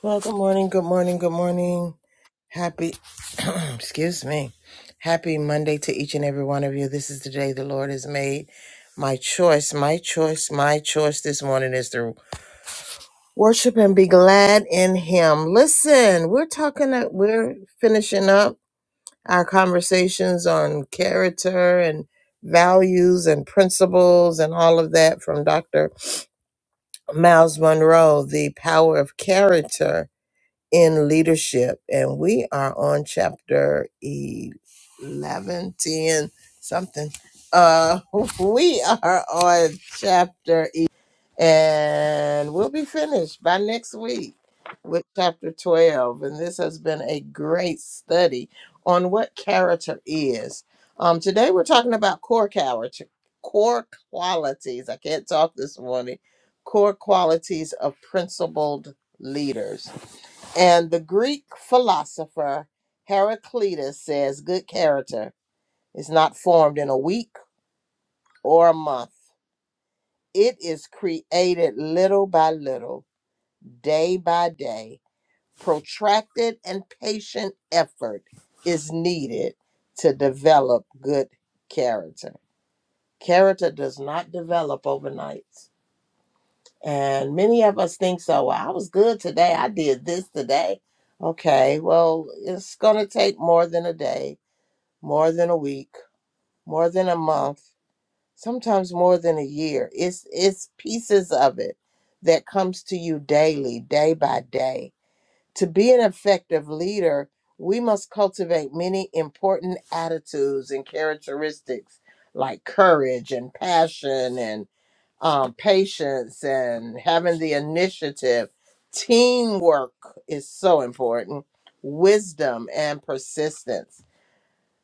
Well, good morning, good morning, good morning. Happy, excuse me. Happy Monday to each and every one of you. This is the day the Lord has made. My choice, my choice, my choice this morning is to worship and be glad in Him. Listen, we're talking, uh, we're finishing up our conversations on character and values and principles and all of that from Dr. Miles Monroe, The Power of Character in leadership. And we are on chapter 11, 10 something. Uh, we are on chapter 11, and we'll be finished by next week with chapter 12. And this has been a great study on what character is. Um, today we're talking about core character, core qualities. I can't talk this morning. Core qualities of principled leaders and the Greek philosopher Heraclitus says good character is not formed in a week or a month. It is created little by little, day by day. Protracted and patient effort is needed to develop good character. Character does not develop overnight. And many of us think so. Well, I was good today. I did this today. Okay, well, it's going to take more than a day more than a week, more than a month, sometimes more than a year. It's it's pieces of it that comes to you daily, day by day. To be an effective leader, we must cultivate many important attitudes and characteristics like courage and passion and um, patience and having the initiative. Teamwork is so important, wisdom and persistence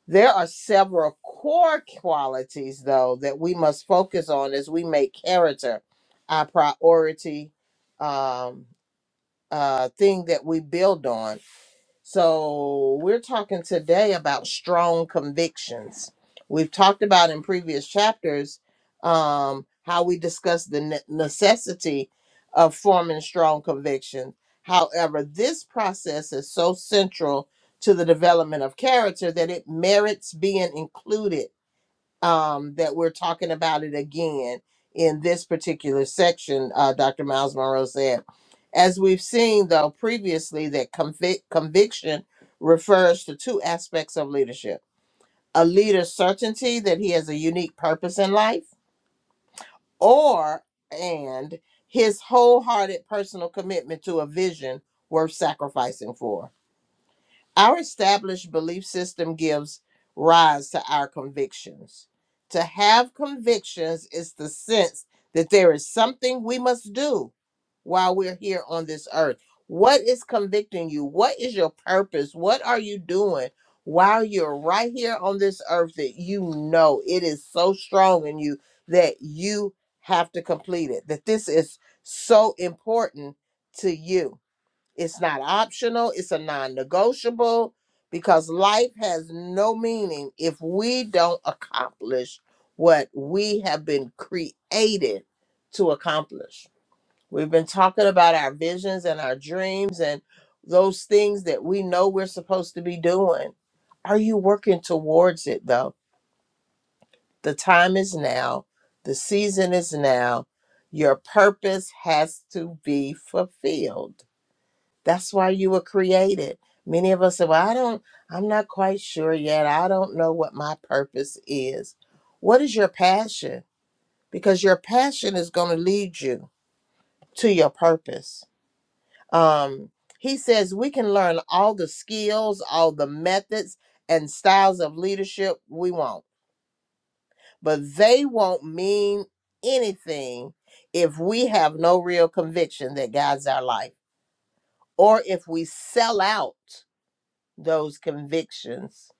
there are several core qualities, though, that we must focus on as we make character our priority. Um, uh, thing that we build on. So we're talking today about strong convictions. We've talked about in previous chapters um, how we discussed the ne- necessity of forming strong convictions. However, this process is so central to the development of character that it merits being included um, that we're talking about it again in this particular section, uh, Dr. Miles Monroe said. As we've seen, though, previously, that convic- conviction refers to two aspects of leadership a leader's certainty that he has a unique purpose in life, or and his wholehearted personal commitment to a vision worth sacrificing for. Our established belief system gives rise to our convictions. To have convictions is the sense that there is something we must do while we're here on this earth. What is convicting you? What is your purpose? What are you doing while you're right here on this earth that you know it is so strong in you that you have to complete it? That this is so important to you it's not optional, it's a non negotiable because life has no meaning if we don't accomplish what we have been created to accomplish. We've been talking about our visions and our dreams and those things that we know we're supposed to be doing. Are you working towards it though? The time is now, the season is now. Your purpose has to be fulfilled. That's why you were created. Many of us say, Well, I don't, I'm not quite sure yet. I don't know what my purpose is. What is your passion? Because your passion is going to lead you to your purpose. Um, he says we can learn all the skills, all the methods, and styles of leadership we want, but they won't mean anything if we have no real conviction that guides our life or if we sell out those convictions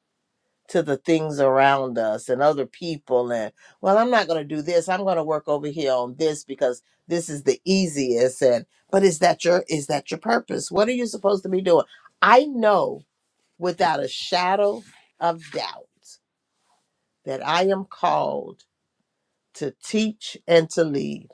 to the things around us and other people and well i'm not going to do this i'm going to work over here on this because this is the easiest and but is that your is that your purpose what are you supposed to be doing i know without a shadow of doubt that i am called to teach and to lead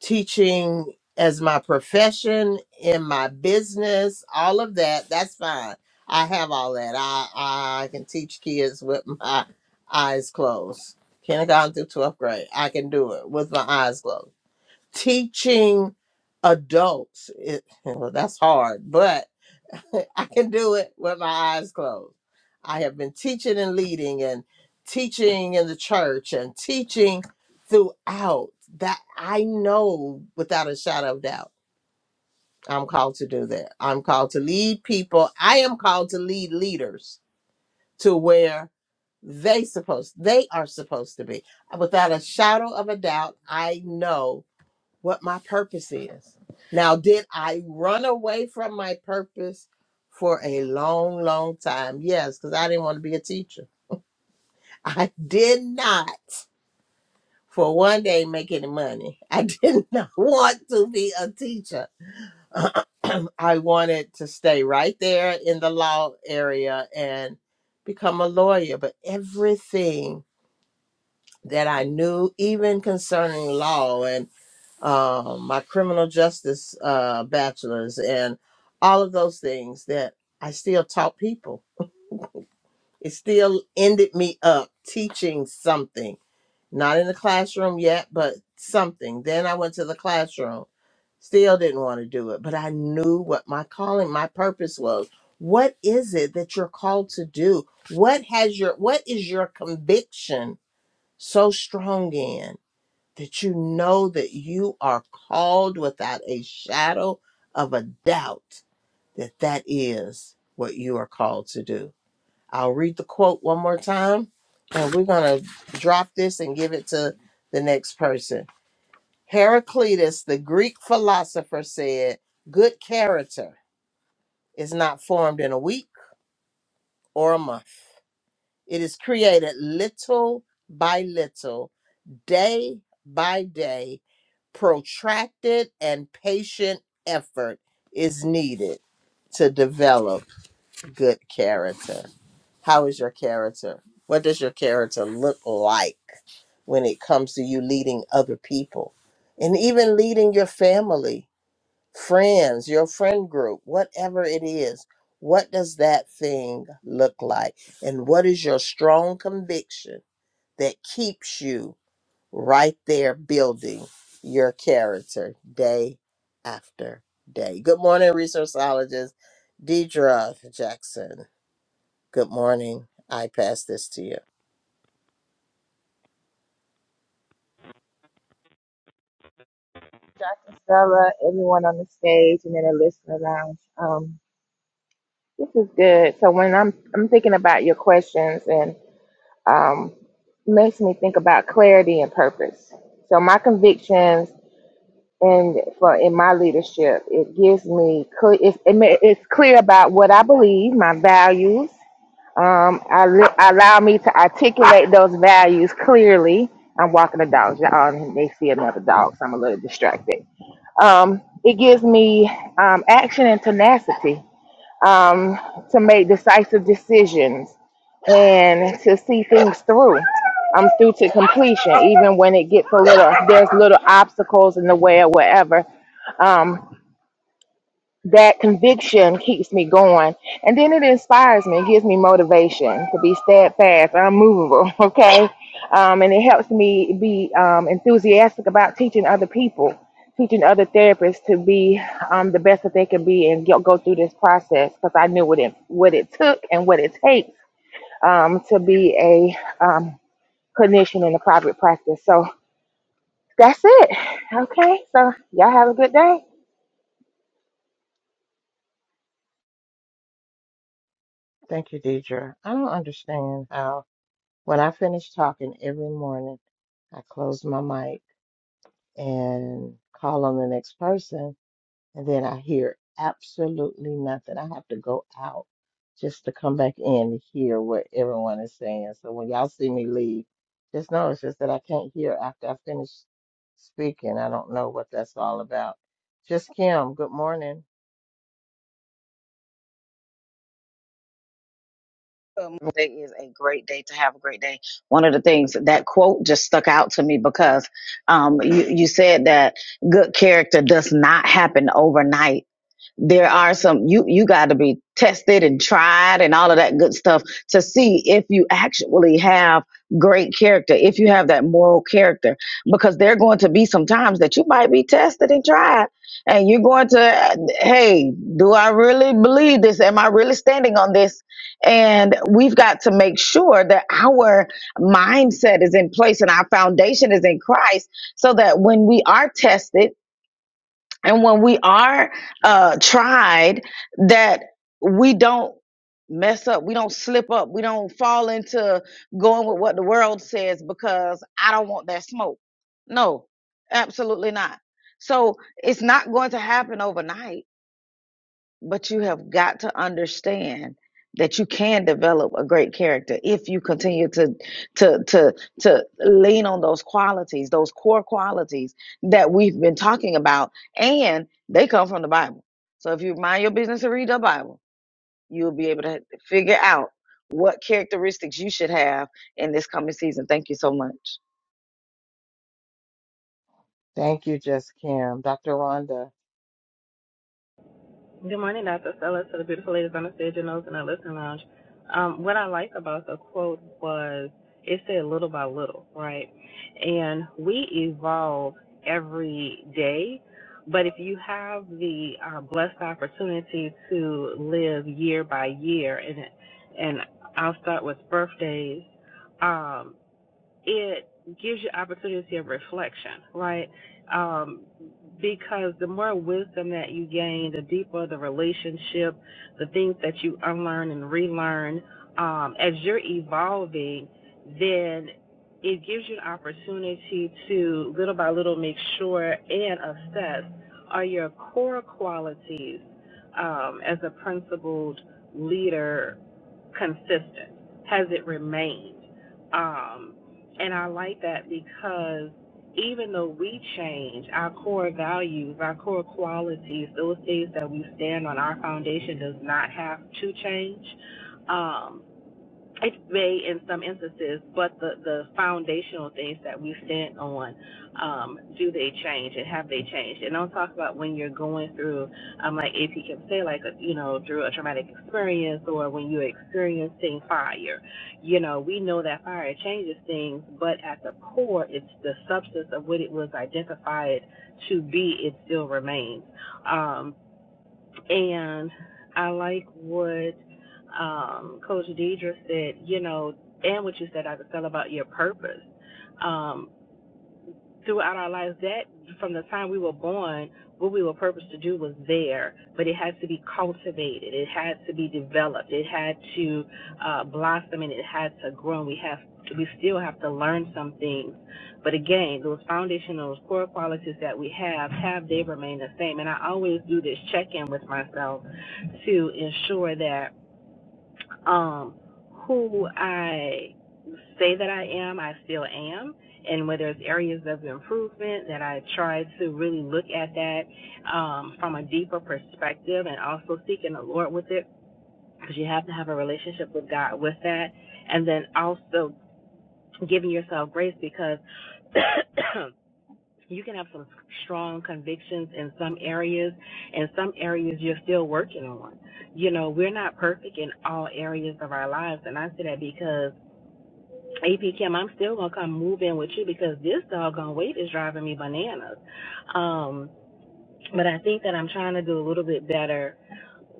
teaching as my profession in my business all of that that's fine i have all that i i can teach kids with my eyes closed kindergarten through 12th grade i can do it with my eyes closed teaching adults it, well that's hard I can do it with my eyes closed. I have been teaching and leading and teaching in the church and teaching throughout that I know without a shadow of doubt I'm called to do that. I'm called to lead people. I am called to lead leaders to where they supposed they are supposed to be. Without a shadow of a doubt, I know what my purpose is. Now, did I run away from my purpose for a long, long time? Yes, because I didn't want to be a teacher. I did not for one day make any money. I did not want to be a teacher. I wanted to stay right there in the law area and become a lawyer, but everything that I knew, even concerning law and um, my criminal justice uh, bachelor's, and all of those things that I still taught people. It still ended me up teaching something, not in the classroom yet, but something. Then I went to the classroom, still didn't want to do it, but I knew what my calling, my purpose was. What is it that you're called to do? What has your what is your conviction so strong in? that you know that you are called without a shadow of a doubt that that is what you are called to do. I'll read the quote one more time and we're going to drop this and give it to the next person. Heraclitus, the Greek philosopher, said, Good character is not formed in a week or a month. It is created little by little, day by day protracted and patient effort is needed to develop good character. How is your character? What does your character look like when it comes to you leading other people and even leading your family, friends, your friend group, whatever it is? What does that thing look like? And what is your strong conviction that keeps you? right there building your character day after day. Good morning, resourceologist Deidre Jackson. Good morning. I pass this to you. Dr. Stella, everyone on the stage, and then the listener lounge. Um, this is good. So when I'm I'm thinking about your questions, and um, makes me think about clarity and purpose. So my convictions and for in my leadership, it gives me clear. It's, it ma- it's clear about what I believe, my values. Um, I li- allow me to articulate those values clearly. I'm walking the dogs. Y'all may see another dog, so I'm a little distracted. Um, it gives me um, action and tenacity um, to make decisive decisions and to see things through. I'm through to completion, even when it gets a little, there's little obstacles in the way or whatever. Um, that conviction keeps me going and then it inspires me it gives me motivation to be steadfast unmovable okay um, and it helps me be um, enthusiastic about teaching other people teaching other therapists to be um, the best that they can be and go go through this process because i knew what it what it took and what it takes um, to be a um, clinician in a private practice so that's it okay so y'all have a good day Thank you, Deidre. I don't understand how when I finish talking every morning, I close my mic and call on the next person. and then I hear absolutely nothing. I have to go out just to come back in to hear what everyone is saying. So when y'all see me leave, just know it's just that I can't hear after I finish speaking. I don't know what that's all about. Just Kim, good morning. Um, Today is a great day to have a great day. One of the things that quote just stuck out to me because um, you, you said that good character does not happen overnight there are some you you got to be tested and tried and all of that good stuff to see if you actually have great character if you have that moral character because there are going to be some times that you might be tested and tried and you're going to uh, hey do i really believe this am i really standing on this and we've got to make sure that our mindset is in place and our foundation is in christ so that when we are tested and when we are uh tried that we don't mess up we don't slip up we don't fall into going with what the world says because i don't want that smoke no absolutely not so it's not going to happen overnight but you have got to understand that you can develop a great character if you continue to to to to lean on those qualities, those core qualities that we've been talking about, and they come from the Bible. So if you mind your business and read the Bible, You'll be able to figure out what characteristics you should have in this coming season. Thank you so much. Thank you, Just Kim. Dr. Rhonda. Good morning, Dr. Stella, to the beautiful ladies on the stage and those in the listening lounge. Um, what I like about the quote was it said little by little, right? And we evolve every day, but if you have the uh, blessed opportunity to live year by year, and and I'll start with birthdays. Um, it gives you opportunity of reflection, right? Um, because the more wisdom that you gain, the deeper the relationship, the things that you unlearn and relearn, um, as you're evolving, then it gives you an opportunity to little by little make sure and assess are your core qualities um, as a principled leader consistent? Has it remained? Um, and I like that because even though we change, our core values, our core qualities, those things that we stand on, our foundation does not have to change. Um, it may in some instances, but the, the foundational things that we stand on, um, do they change and have they changed? And I'll talk about when you're going through, um, like AP can say, like, a, you know, through a traumatic experience or when you're experiencing fire. You know, we know that fire changes things, but at the core, it's the substance of what it was identified to be, it still remains. Um, and I like what um, Coach Deidre said, you know, and what you said, I could tell about your purpose. Um, throughout our lives that from the time we were born what we were purposed to do was there but it had to be cultivated it had to be developed it had to uh, blossom and it had to grow we have we still have to learn some things but again those foundational core qualities that we have have they remain the same and i always do this check in with myself to ensure that um, who I say that I am, I still am. And where there's areas of improvement that I try to really look at that um, from a deeper perspective and also seeking the Lord with it because you have to have a relationship with God with that. And then also giving yourself grace because You can have some strong convictions in some areas, and some areas you're still working on. You know, we're not perfect in all areas of our lives, and I say that because AP Kim, I'm still gonna come move in with you because this doggone weight is driving me bananas. Um, but I think that I'm trying to do a little bit better.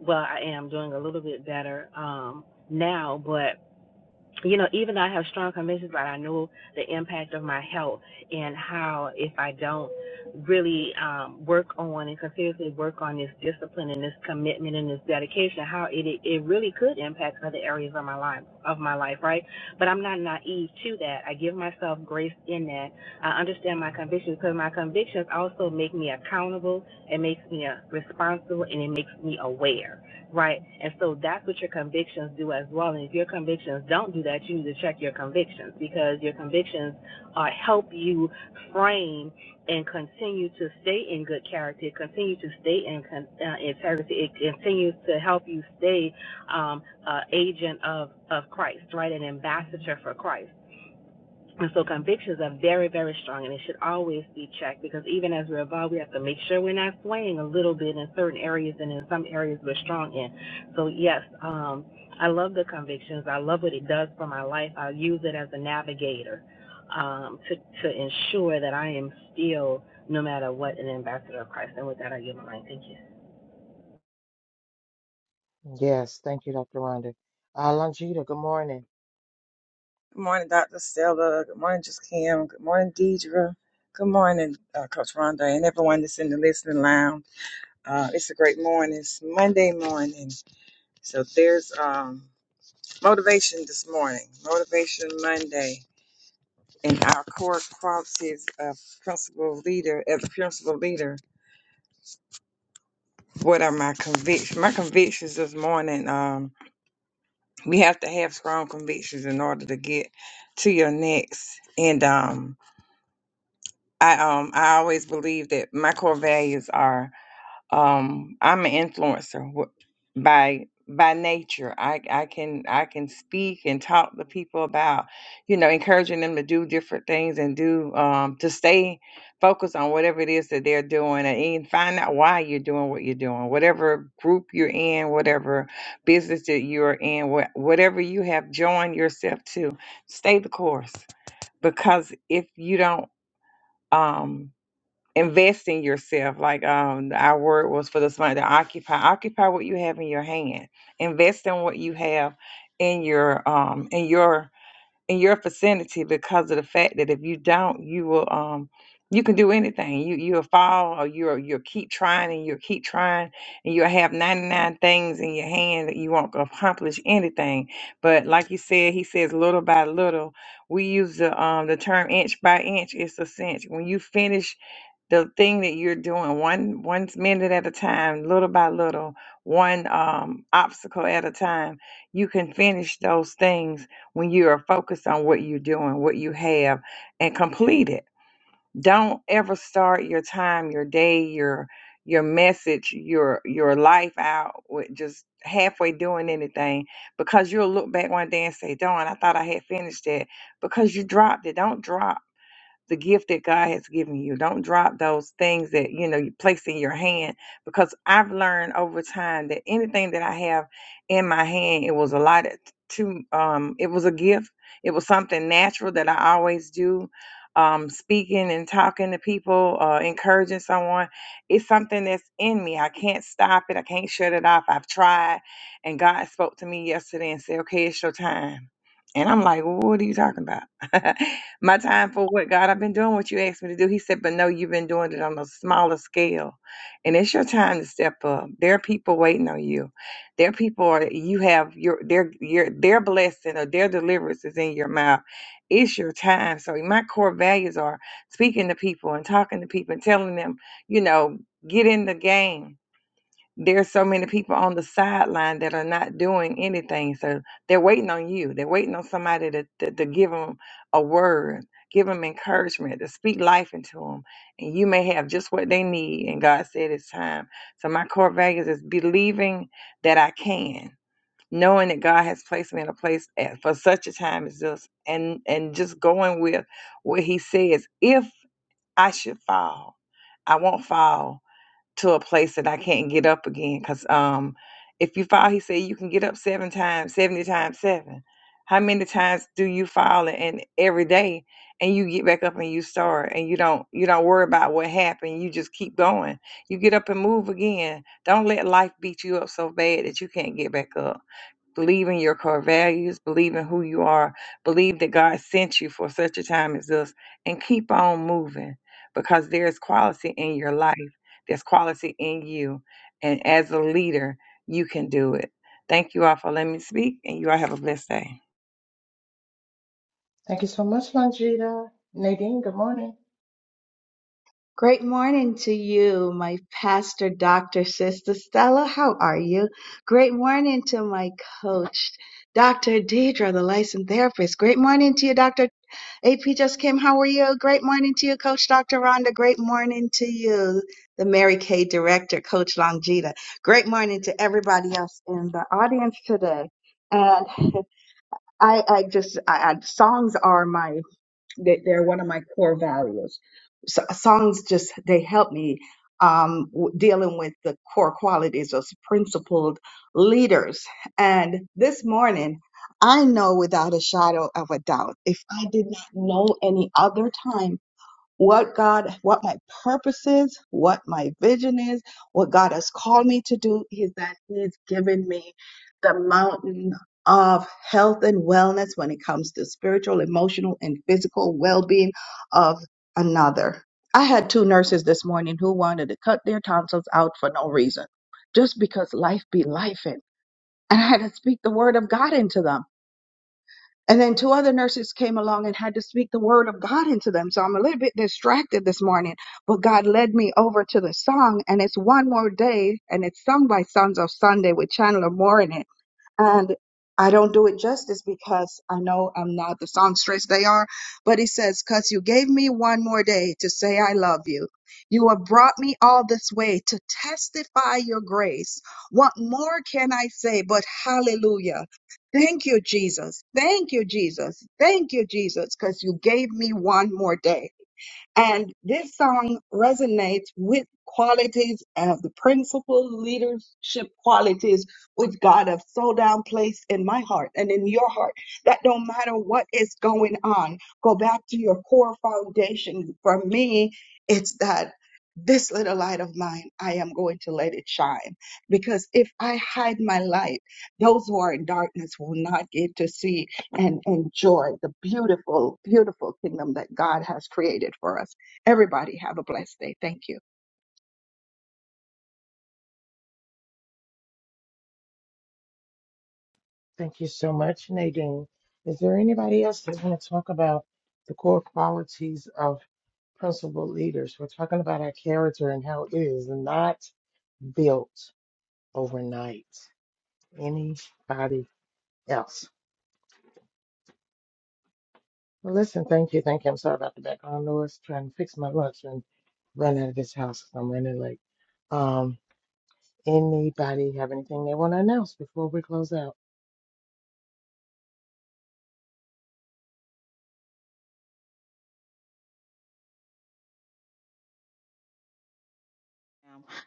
Well, I am doing a little bit better um, now, but you know, even though I have strong convictions, but I know the impact of my health and how if I don't really um, work on and continuously work on this discipline and this commitment and this dedication, how it it really could impact other areas of my life of my life, right? But I'm not naive to that. I give myself grace in that. I understand my convictions because my convictions also make me accountable. It makes me uh, responsible and it makes me aware right? And so that's what your convictions do as well. And if your convictions don't do that, you need to check your convictions because your convictions uh, help you frame and continue to stay in good character, continue to stay in con- uh, integrity. It continues to help you stay um, uh, agent of, of Christ, right? An ambassador for Christ. And so convictions are very, very strong and it should always be checked because even as we evolve, we have to make sure we're not swaying a little bit in certain areas and in some areas we're strong in. So, yes, um, I love the convictions. I love what it does for my life. I use it as a navigator um, to, to ensure that I am still, no matter what, an ambassador of Christ. And with that, I give my mind. Thank you. Yes, thank you, Dr. Rhonda. Uh, Longita, good morning. Good morning, Dr. Stella. Good morning, Just Kim. Good morning, Deidre. Good morning, uh, Coach Rhonda, and everyone that's in the listening lounge. Uh, it's a great morning. It's Monday morning. So there's um, motivation this morning, Motivation Monday. And our core qualities of principal leader, as a principal leader, what are my convictions? My convictions this morning, um, we have to have strong convictions in order to get to your next. And um, I um I always believe that my core values are um I'm an influencer wh- by by nature. I I can I can speak and talk to people about you know encouraging them to do different things and do um to stay focused on whatever it is that they're doing and, and find out why you're doing what you're doing. Whatever group you're in, whatever business that you're in, wha- whatever you have joined yourself to, stay the course because if you don't um invest in yourself like um our word was for this month to occupy occupy what you have in your hand invest in what you have in your um in your in your vicinity because of the fact that if you don't you will um you can do anything you you'll fall or you'll you'll keep trying and you'll keep trying and you'll have 99 things in your hand that you won't accomplish anything but like you said he says little by little we use the um the term inch by inch it's a cinch when you finish the thing that you're doing one one minute at a time little by little one um, obstacle at a time you can finish those things when you are focused on what you're doing what you have and complete it don't ever start your time your day your your message your your life out with just halfway doing anything because you'll look back one day and say darn i thought i had finished that because you dropped it don't drop the gift that God has given you. Don't drop those things that you know you place in your hand because I've learned over time that anything that I have in my hand, it was a lot to um it was a gift. It was something natural that I always do. Um, speaking and talking to people, uh, encouraging someone, it's something that's in me. I can't stop it. I can't shut it off. I've tried. And God spoke to me yesterday and said, Okay, it's your time. And I'm like, well, What are you talking about? my time for what God I've been doing what you asked me to do. He said, but no, you've been doing it on a smaller scale. And it's your time to step up. There are people waiting on you. There are people are you have your their your their blessing or their deliverance is in your mouth. It's your time. So my core values are speaking to people and talking to people and telling them, you know, get in the game there's so many people on the sideline that are not doing anything. So they're waiting on you. They're waiting on somebody to, to, to give them a word, give them encouragement, to speak life into them. And you may have just what they need. And God said it's time. So my core values is believing that I can, knowing that God has placed me in a place at, for such a time as this, and and just going with what He says. If I should fall, I won't fall to a place that I can't get up again. Cause um, if you fall, he said you can get up seven times, seventy times seven. How many times do you fall and every day, and you get back up and you start, and you don't you don't worry about what happened. You just keep going. You get up and move again. Don't let life beat you up so bad that you can't get back up. Believe in your core values, believe in who you are, believe that God sent you for such a time as this, and keep on moving because there's quality in your life, there's quality in you. And as a leader, you can do it. Thank you all for letting me speak, and you all have a blessed day. Thank you so much, Longita. Nadine, good morning. Great morning to you, my pastor, Dr. Sister Stella. How are you? Great morning to my coach, Dr. Deidre, the licensed therapist. Great morning to you, Dr. AP just came. How are you? Great morning to you, Coach Dr. Rhonda. Great morning to you, the Mary Kay director, Coach Longita. Great morning to everybody else in the audience today. And I, I just, I, I, songs are my they, they're one of my core values. So, songs just they help me um, w- dealing with the core qualities of principled leaders. And this morning, I know without a shadow of a doubt, if I did not know any other time what God, what my purpose is, what my vision is, what God has called me to do is that He's given me the mountain of health and wellness when it comes to spiritual, emotional, and physical well being of another. I had two nurses this morning who wanted to cut their tonsils out for no reason, just because life be life. And I had to speak the word of God into them. And then two other nurses came along and had to speak the word of God into them. So I'm a little bit distracted this morning, but God led me over to the song and it's one more day and it's sung by Sons of Sunday with Chandler Moore and I don't do it justice because I know I'm not the songstress they are, but it says, Because you gave me one more day to say I love you. You have brought me all this way to testify your grace. What more can I say but hallelujah? Thank you, Jesus. Thank you, Jesus. Thank you, Jesus, because you gave me one more day. And this song resonates with qualities of the principal leadership qualities which God has so down placed in my heart and in your heart that no matter what is going on, go back to your core foundation. For me, it's that this little light of mine, I am going to let it shine. Because if I hide my light, those who are in darkness will not get to see and enjoy the beautiful, beautiful kingdom that God has created for us. Everybody have a blessed day. Thank you. Thank you so much, Nadine. Is there anybody else that want to talk about the core qualities of principal leaders? We're talking about our character and how it is not built overnight. Anybody else? Well, listen, thank you, thank you. I'm sorry about the background noise. Trying to fix my lunch and run out of this house 'cause I'm running late. Um, anybody have anything they want to announce before we close out?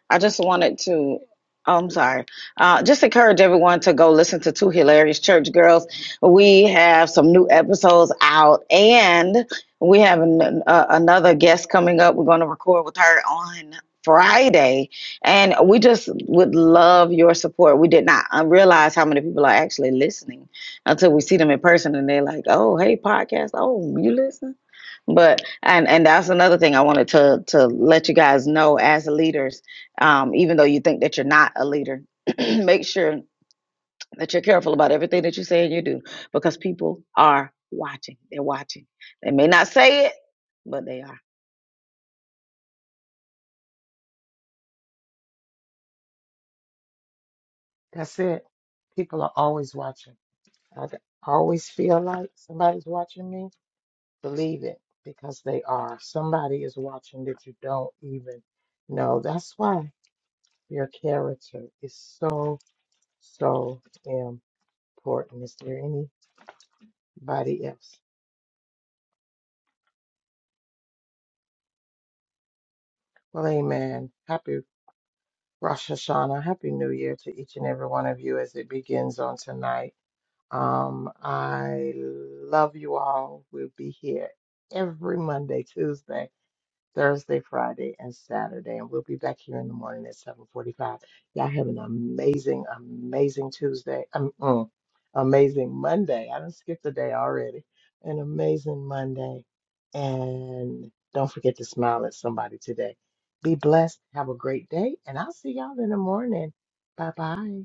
I just wanted to, oh, I'm sorry, uh, just encourage everyone to go listen to Two Hilarious Church Girls. We have some new episodes out, and we have an, uh, another guest coming up. We're going to record with her on Friday, and we just would love your support. We did not uh, realize how many people are actually listening until we see them in person, and they're like, oh, hey, podcast, oh, you listen? But and and that's another thing I wanted to to let you guys know as leaders, um, even though you think that you're not a leader, make sure that you're careful about everything that you say and you do because people are watching. They're watching. They may not say it, but they are. That's it. People are always watching. I d- always feel like somebody's watching me. Believe it, because they are. Somebody is watching that you don't even know. That's why your character is so, so important. Is there anybody else? Well, amen. Happy Rosh Hashanah. Happy New Year to each and every one of you as it begins on tonight. Um, I love you all. We'll be here every Monday, Tuesday. Thursday, Friday, and Saturday. And we'll be back here in the morning at 7:45. Y'all have an amazing, amazing Tuesday. Um, mm, amazing Monday. I done skipped a day already. An amazing Monday. And don't forget to smile at somebody today. Be blessed. Have a great day. And I'll see y'all in the morning. Bye bye.